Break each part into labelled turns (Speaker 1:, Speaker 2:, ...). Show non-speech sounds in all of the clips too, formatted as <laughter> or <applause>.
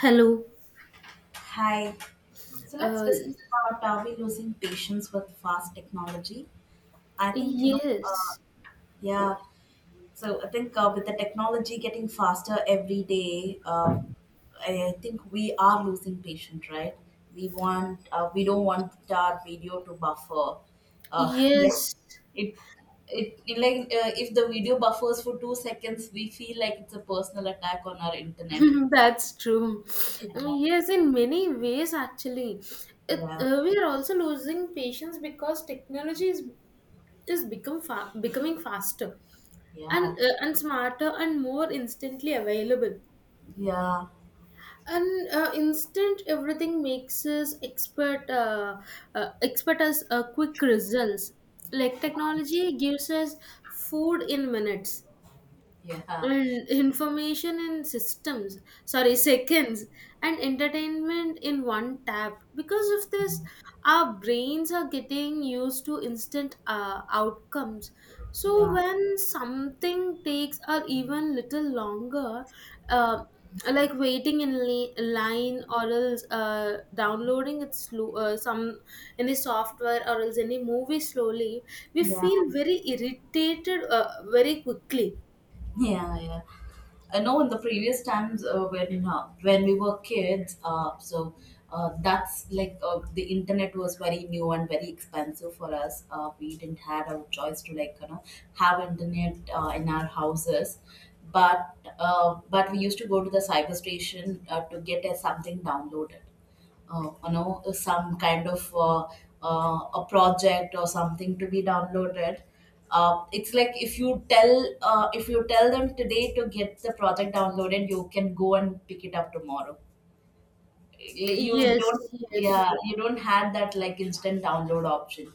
Speaker 1: Hello.
Speaker 2: Hi. So let's
Speaker 1: Uh,
Speaker 2: discuss about are we losing patience with fast technology? I think,
Speaker 1: yes.
Speaker 2: yeah. So I think with the technology getting faster every day, I think we are losing patience, right? We don't want our video to buffer. <laughs> Like
Speaker 1: Yes.
Speaker 2: it, like if the video buffers for 2 seconds, we feel like it's a personal attack on our internet.
Speaker 1: <laughs> That's true.
Speaker 2: Yeah,
Speaker 1: Yes, in many ways, actually,
Speaker 2: yeah,
Speaker 1: we are also losing patience because technology is becoming faster
Speaker 2: yeah.
Speaker 1: and smarter and more instantly available.
Speaker 2: Yeah.
Speaker 1: And instant everything makes us expert as quick results. Like
Speaker 2: Yeah,
Speaker 1: technology gives us food in minutes
Speaker 2: yeah,
Speaker 1: and information in systems sorry seconds, and entertainment in one tap. Because of this our brains are getting used to instant outcomes, so
Speaker 2: yeah,
Speaker 1: when something takes or even little longer, uh, like waiting in line, or else downloading it slow some any software or else any movie slowly, we
Speaker 2: yeah,
Speaker 1: feel very irritated very quickly.
Speaker 2: yeah. Yeah. I know in the previous times, when we were kids, so that's like the internet was very new and very expensive for us. We didn't had a choice to like you know have internet in our houses, but but we used to go to the cyber station to get something downloaded. You know, some kind of a project or something to be downloaded. It's like if you tell them today to get the project downloaded, you can go and pick it up tomorrow. Like, you
Speaker 1: Yes,
Speaker 2: don't,
Speaker 1: yes,
Speaker 2: yeah, you don't have that like instant download option.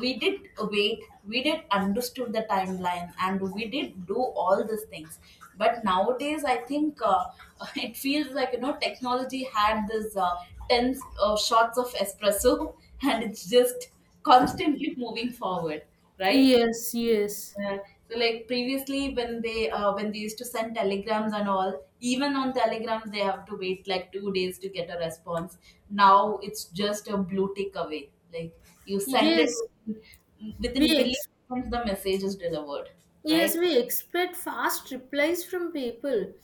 Speaker 2: We did wait, we did understood the timeline, and we did do all these things. But nowadays I think, <laughs> it feels like you know technology had this 10 shots of espresso <laughs> and it's just constantly moving forward, right?
Speaker 1: yes, yes,
Speaker 2: Yeah. So like previously when they used to send telegrams and all, even on telegrams they have to wait like 2 days to get a response. Now it's just a blue tick away. Like you send it
Speaker 1: yes.
Speaker 2: within,
Speaker 1: We
Speaker 2: within
Speaker 1: ex-
Speaker 2: milliseconds, the message is delivered,
Speaker 1: yes,
Speaker 2: right?
Speaker 1: we expect fast replies from people,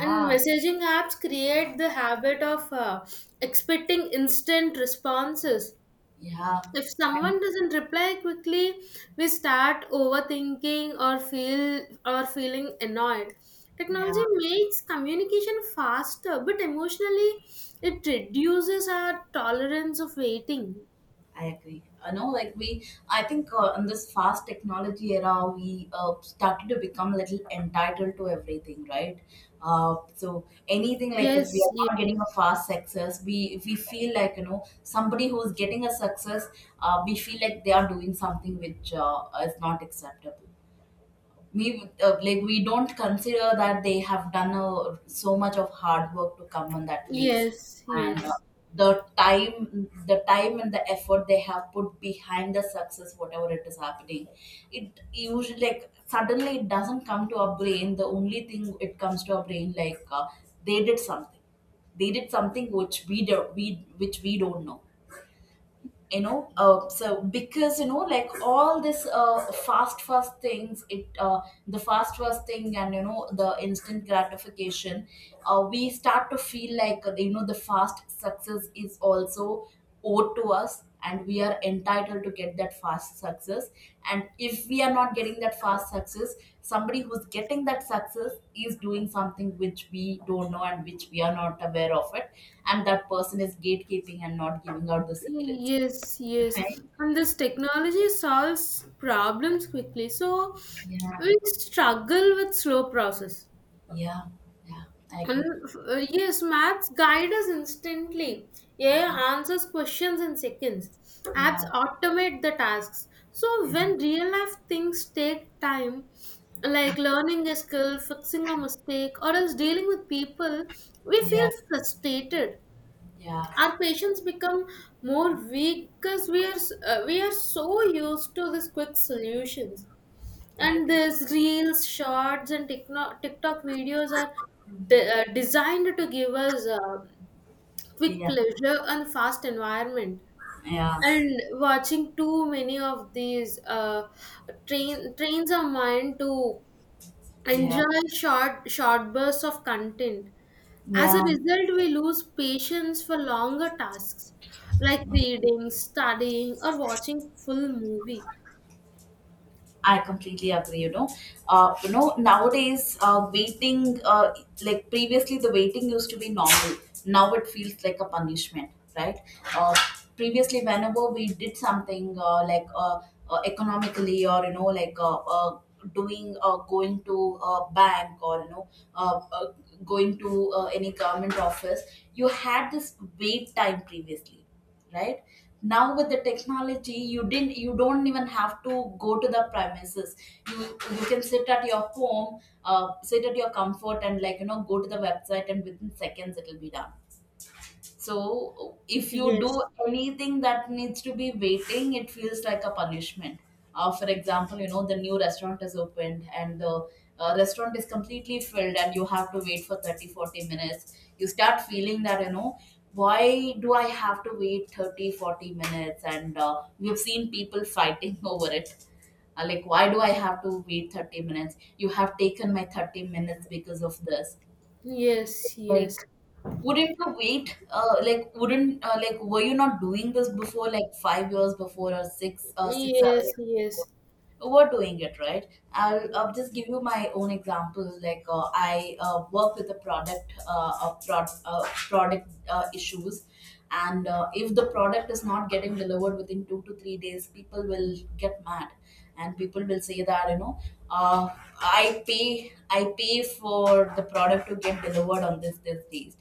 Speaker 1: and messaging apps create the habit of expecting instant responses.
Speaker 2: yeah,
Speaker 1: If
Speaker 2: and
Speaker 1: someone doesn't reply quickly, we start overthinking or feeling annoyed.
Speaker 2: yeah.
Speaker 1: Technology makes communication faster, but emotionally, it reduces our tolerance of waiting.
Speaker 2: I agree. I know, like I think in this fast technology era, we started to become a little entitled to everything, right? So anything, like if we
Speaker 1: Yes,
Speaker 2: are
Speaker 1: yes,
Speaker 2: not getting a fast success, we if we feel like you know somebody who is getting a success, we feel like they are doing something which is not acceptable. We don't consider that they have done so much of hard work to come on that place,
Speaker 1: yes,
Speaker 2: and
Speaker 1: yes,
Speaker 2: the time and the effort they have put behind the success, whatever it is happening, it usually like suddenly it doesn't come to our brain. The only thing it comes to our brain, like, they did something, they did something which we do we which we don't know. You know, so because you know like all this fast fast things, it the fast fast thing and you know the instant gratification, we start to feel like, you know, the fast success is also owed to us and we are entitled to get that fast success. And if we are not getting that fast success, somebody who's getting that success is doing something which we don't know and which we are not aware of it, and that person is gatekeeping and not giving out the secrets.
Speaker 1: yes, yes.
Speaker 2: Right?
Speaker 1: And this technology solves problems quickly, so
Speaker 2: Yeah,
Speaker 1: we struggle with slow process.
Speaker 2: yeah, yeah. I
Speaker 1: And
Speaker 2: agree.
Speaker 1: yes, maths guide us instantly. Yeah, answers questions in seconds. Apps
Speaker 2: Yeah,
Speaker 1: automate the tasks. So
Speaker 2: yeah,
Speaker 1: when real life things take time, like learning a skill, fixing a mistake, or else dealing with people, we
Speaker 2: yeah,
Speaker 1: feel frustrated.
Speaker 2: yeah.
Speaker 1: Our patients become more weak because we we are so used to these quick solutions,
Speaker 2: I
Speaker 1: and
Speaker 2: agree.
Speaker 1: these reels shorts and TikTok videos are designed to give us quick
Speaker 2: Yeah,
Speaker 1: pleasure and fast environment,
Speaker 2: yeah,
Speaker 1: and watching too many of these trains our mind to
Speaker 2: yeah,
Speaker 1: enjoy short bursts of content. As a
Speaker 2: yeah,
Speaker 1: result, we lose patience for longer tasks like
Speaker 2: yeah.
Speaker 1: reading, studying, or watching full movie.
Speaker 2: I completely agree. You know nowadays, waiting, like previously, the waiting used to be normal. Now it feels like a punishment, right? Uh, Previously, whenever we did something, economically, or you know, like, doing going to a bank or you know, uh, uh, going to any government office, you had this wait time previously, right? Now with the technology, you don't even have to go to the premises. You can sit at your home, sit at your comfort, and like you know go to the website, and within seconds it'll be done. So if you do
Speaker 1: Yes,
Speaker 2: anything that needs to be waiting, it feels like a punishment. For example, you know, the new restaurant is opened and the restaurant is completely filled, and you have to wait for 30, 40 minutes. You start feeling that, you know, why do I have to wait 30, 40 minutes? And we've seen people fighting <laughs> over it. Like, why do I have to wait 30 minutes? You have taken my 30 minutes because of this.
Speaker 1: yes, yes,
Speaker 2: Like, wouldn't you wait? Like, wouldn't were you not doing this before? Like 5 years before or six, seven
Speaker 1: yes,
Speaker 2: years before?
Speaker 1: yes,
Speaker 2: Overdoing it, right? I'll just give you my own example, like I work with a product, product issues, and if the product is not getting delivered within 2 to 3 days, people will get mad. And people will say that you know, uh, I pay for the product to get delivered on this date.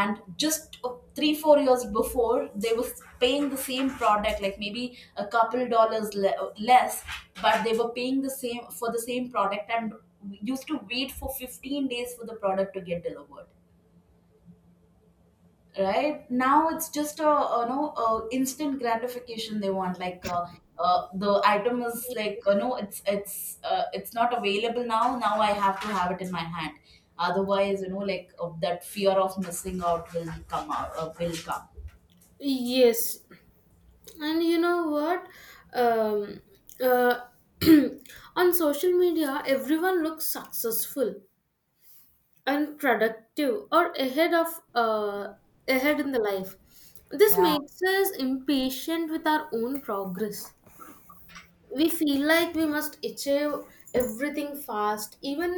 Speaker 2: And just 3 4 years before, they were paying the same product, like maybe a couple dollars less. But they were paying the same for the same product, and used to wait for 15 days for the product to get delivered. Right now it's just a you know, a instant gratification they want, like, the item is like, no, it's it's not available now. Now I have to have it in my hand. Otherwise, you know, like that fear of missing out will come out, will come.
Speaker 1: yes. And you know what? Um, uh, <clears throat> on social media, everyone looks successful and productive or uh, ahead in the life. This
Speaker 2: Yeah,
Speaker 1: makes us impatient with our own progress. We feel like we must achieve everything fast, even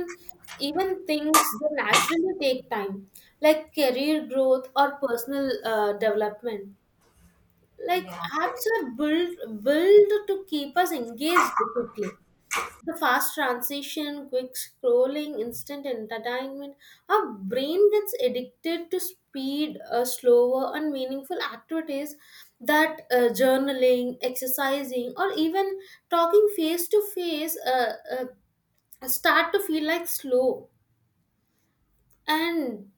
Speaker 1: even things that naturally take time, like career growth or personal development. Like
Speaker 2: yeah,
Speaker 1: apps are built to keep us engaged quickly, the fast transition, quick scrolling, instant entertainment. Our brain gets addicted to speed. Uh, slower, and meaningful activities, that journaling, exercising, or even talking face to face, start to feel like slow. And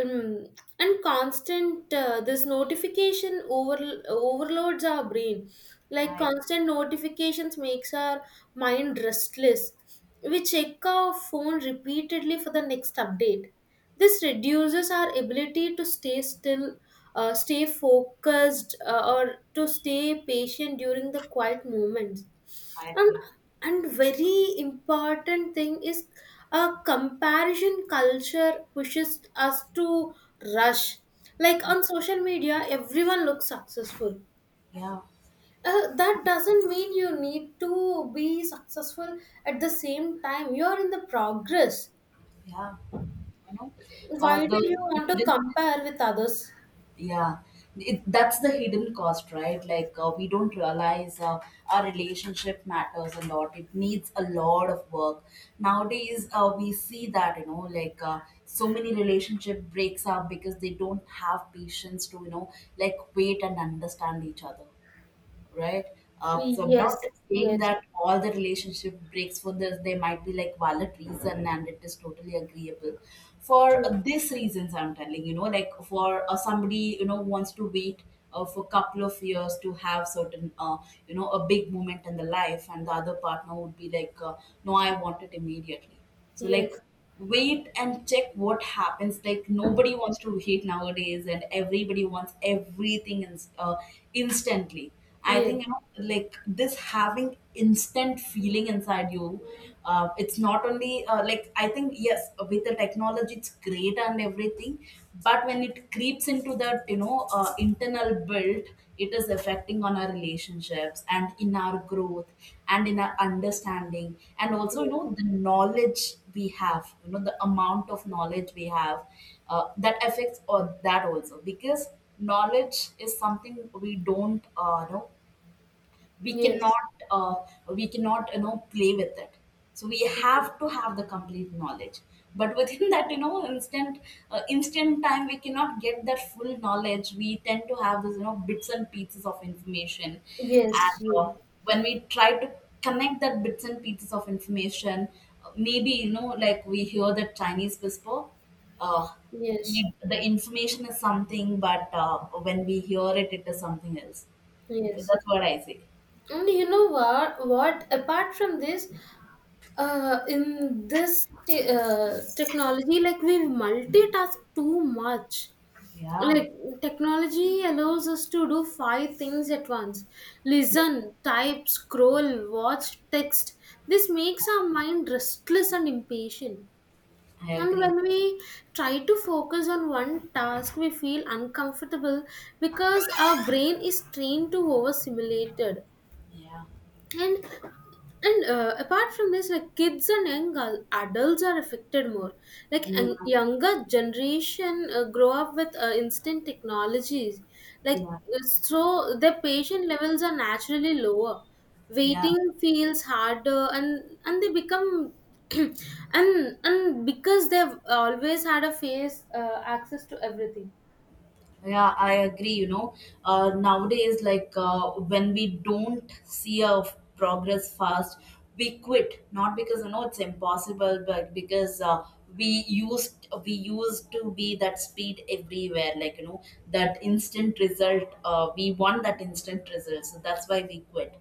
Speaker 1: um, and constant this notification over overloads our brain, like
Speaker 2: i
Speaker 1: constant notifications makes our mind restless. We check our phone repeatedly for the next update. This reduces our ability to stay still, stay focused, or to stay patient during the quiet moments.
Speaker 2: I
Speaker 1: and
Speaker 2: agree.
Speaker 1: and very important thing is a comparison culture pushes us to rush. Like on social media everyone looks successful,
Speaker 2: Yeah,
Speaker 1: that doesn't mean you need to be successful at the same time you're in the progress.
Speaker 2: yeah. You know,
Speaker 1: Why do you want to
Speaker 2: the—
Speaker 1: compare with others?
Speaker 2: Yeah, that's the hidden cost, right? Like we don't realize our relationship matters a lot. It needs a lot of work. Nowadays, we see that you know, like so many relationship breaks up because they don't have patience to, you know, like wait and understand each other, right? So I'm
Speaker 1: Yes,
Speaker 2: not saying
Speaker 1: yes.
Speaker 2: that all the relationship breaks for this. There might be like valid reason, and it is totally agreeable. For
Speaker 1: True.
Speaker 2: these reasons, I'm telling, you know, like for somebody, you know, wants to wait for a couple of years to have certain, you know, a big moment in the life, and the other partner would be like, no, I want it immediately. So like,
Speaker 1: Yes,
Speaker 2: wait and check what happens. Like, nobody wants to wait nowadays, and everybody wants everything instantly. I
Speaker 1: yes,
Speaker 2: think you know, like this having instant feeling inside you, it's not only like I think yes, with the technology it's great and everything, but when it creeps into that, you know, internal build, it is affecting on our relationships and in our growth and in our understanding, and also you know the knowledge we have, you know the amount of knowledge we have, that affects, or that also because knowledge is something we don't, you know, we
Speaker 1: yes,
Speaker 2: cannot uh, we cannot you know, play with it. So we have to have the complete knowledge, but within <laughs> that, you know, instant time we cannot get that full knowledge. We tend to have this, you know, bits and pieces of information,
Speaker 1: yes,
Speaker 2: and
Speaker 1: yes,
Speaker 2: when we try to connect that bits and pieces of information, maybe you know, like we hear the Chinese whisper, uh,
Speaker 1: yes, yes,
Speaker 2: the information is something, but when we hear it, it is something else. So
Speaker 1: yes.
Speaker 2: that's what I say.
Speaker 1: And you know what? What apart from this, in this technology, like we multitask too much.
Speaker 2: Yeah,
Speaker 1: Like technology allows us to do five things at once:
Speaker 2: yeah,
Speaker 1: listen, type, scroll, watch, text. This makes our mind restless and impatient.
Speaker 2: I
Speaker 1: And
Speaker 2: agree.
Speaker 1: when we try to focus on one task, we feel uncomfortable because our brain is trained to overstimulated.
Speaker 2: Yeah.
Speaker 1: and and apart from this, like kids and adults are affected more, like
Speaker 2: Yeah,
Speaker 1: an younger generation grow up with instant technologies, like
Speaker 2: yeah,
Speaker 1: so their patient levels are naturally lower.
Speaker 2: yeah,
Speaker 1: Waiting feels harder, and they become <clears throat> and because they've always had a face access to everything.
Speaker 2: yeah, I agree. You know, nowadays, like when we don't see a progress fast, we quit. Not because you know it's impossible, but because we used to be that speed everywhere. Like you know that instant result. We want that instant result, so that's why we quit.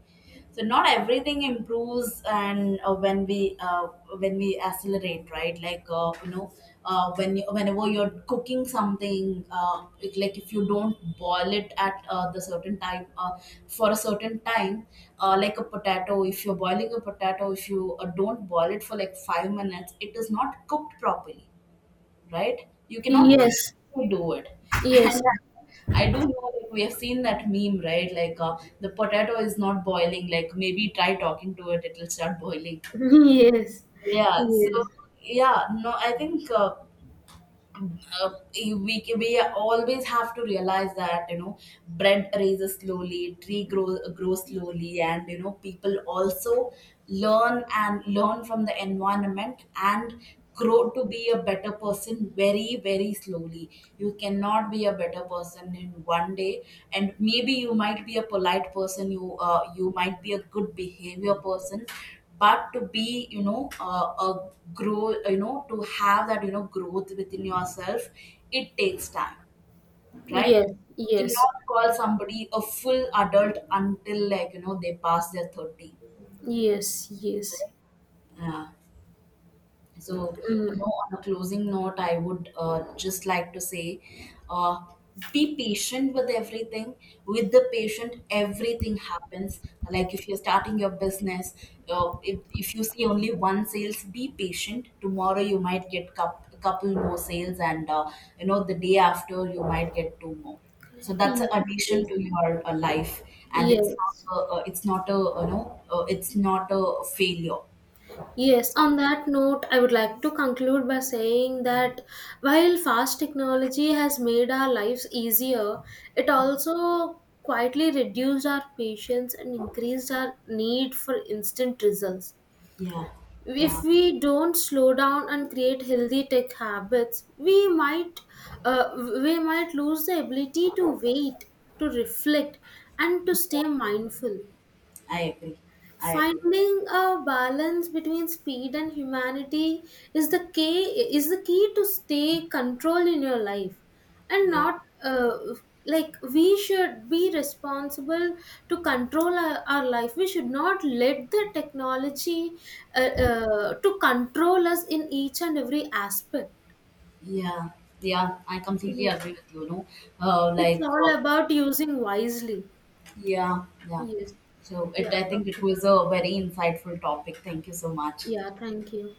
Speaker 2: So not everything improves, and when we accelerate, right? Like, you know, whenever you're cooking something, like if you don't boil it at, the certain time, for a certain time, like a potato, if you're boiling a potato, if you don't boil it for like 5 minutes, it is not cooked properly, right? You cannot
Speaker 1: Yes,
Speaker 2: instantly do it. <laughs>
Speaker 1: yes.
Speaker 2: And I do know, like, we have seen that meme, right? Like, the potato is not boiling. Like, maybe try talking to it, it'll start boiling.
Speaker 1: <laughs> Yes,
Speaker 2: Yeah,
Speaker 1: yes,
Speaker 2: so
Speaker 1: yes.
Speaker 2: yeah, no, I think uh, we always have to realize that you know bread raises slowly, tree grows slowly, and you know people also learn and learn from the environment and grow to be a better person very very slowly. You cannot be a better person in one day. And maybe you might be a polite person, you might be a good behavior person, but to be, you know, to have that, you know, growth within yourself, it takes time, right?
Speaker 1: Yes,
Speaker 2: You
Speaker 1: yes.
Speaker 2: cannot call somebody a full adult until, like you know, they pass their 30.
Speaker 1: Yes, yes.
Speaker 2: Yeah. So, you know,
Speaker 1: Mm.
Speaker 2: on a closing note, I would just like to say, uh, be patient with everything. With the patient, everything happens. Like if you're starting your business, if you see only one sales, be patient. Tomorrow you might get a couple more sales, and you know, the day after you might get two more. So that's an
Speaker 1: Yes,
Speaker 2: addiction to your life, and it's not
Speaker 1: yes.
Speaker 2: a, it's not a it's not a failure.
Speaker 1: Yes, on that note, I would like to conclude by saying that while fast technology has made our lives easier, it also quietly reduced our patience and increased our need for instant results.
Speaker 2: Yeah.
Speaker 1: If
Speaker 2: Yeah.
Speaker 1: we don't slow down and create healthy tech habits, we might, uh, we might lose the ability to wait, to reflect, and to stay mindful.
Speaker 2: I agree. I agree.
Speaker 1: Finding a balance between speed and humanity is the key is the key to stay control in your life, and
Speaker 2: Yeah,
Speaker 1: not like we should be responsible to control our life. We should not let the technology uh, to control us in each and every aspect.
Speaker 2: yeah, yeah. I completely
Speaker 1: Yes,
Speaker 2: agree with you. No,
Speaker 1: it's
Speaker 2: like,
Speaker 1: all about using wisely.
Speaker 2: yeah, yeah.
Speaker 1: Yes,
Speaker 2: So
Speaker 1: yeah,
Speaker 2: I think it
Speaker 1: okay.
Speaker 2: was a very insightful topic. Thank you so much.
Speaker 1: Yeah. Thank you.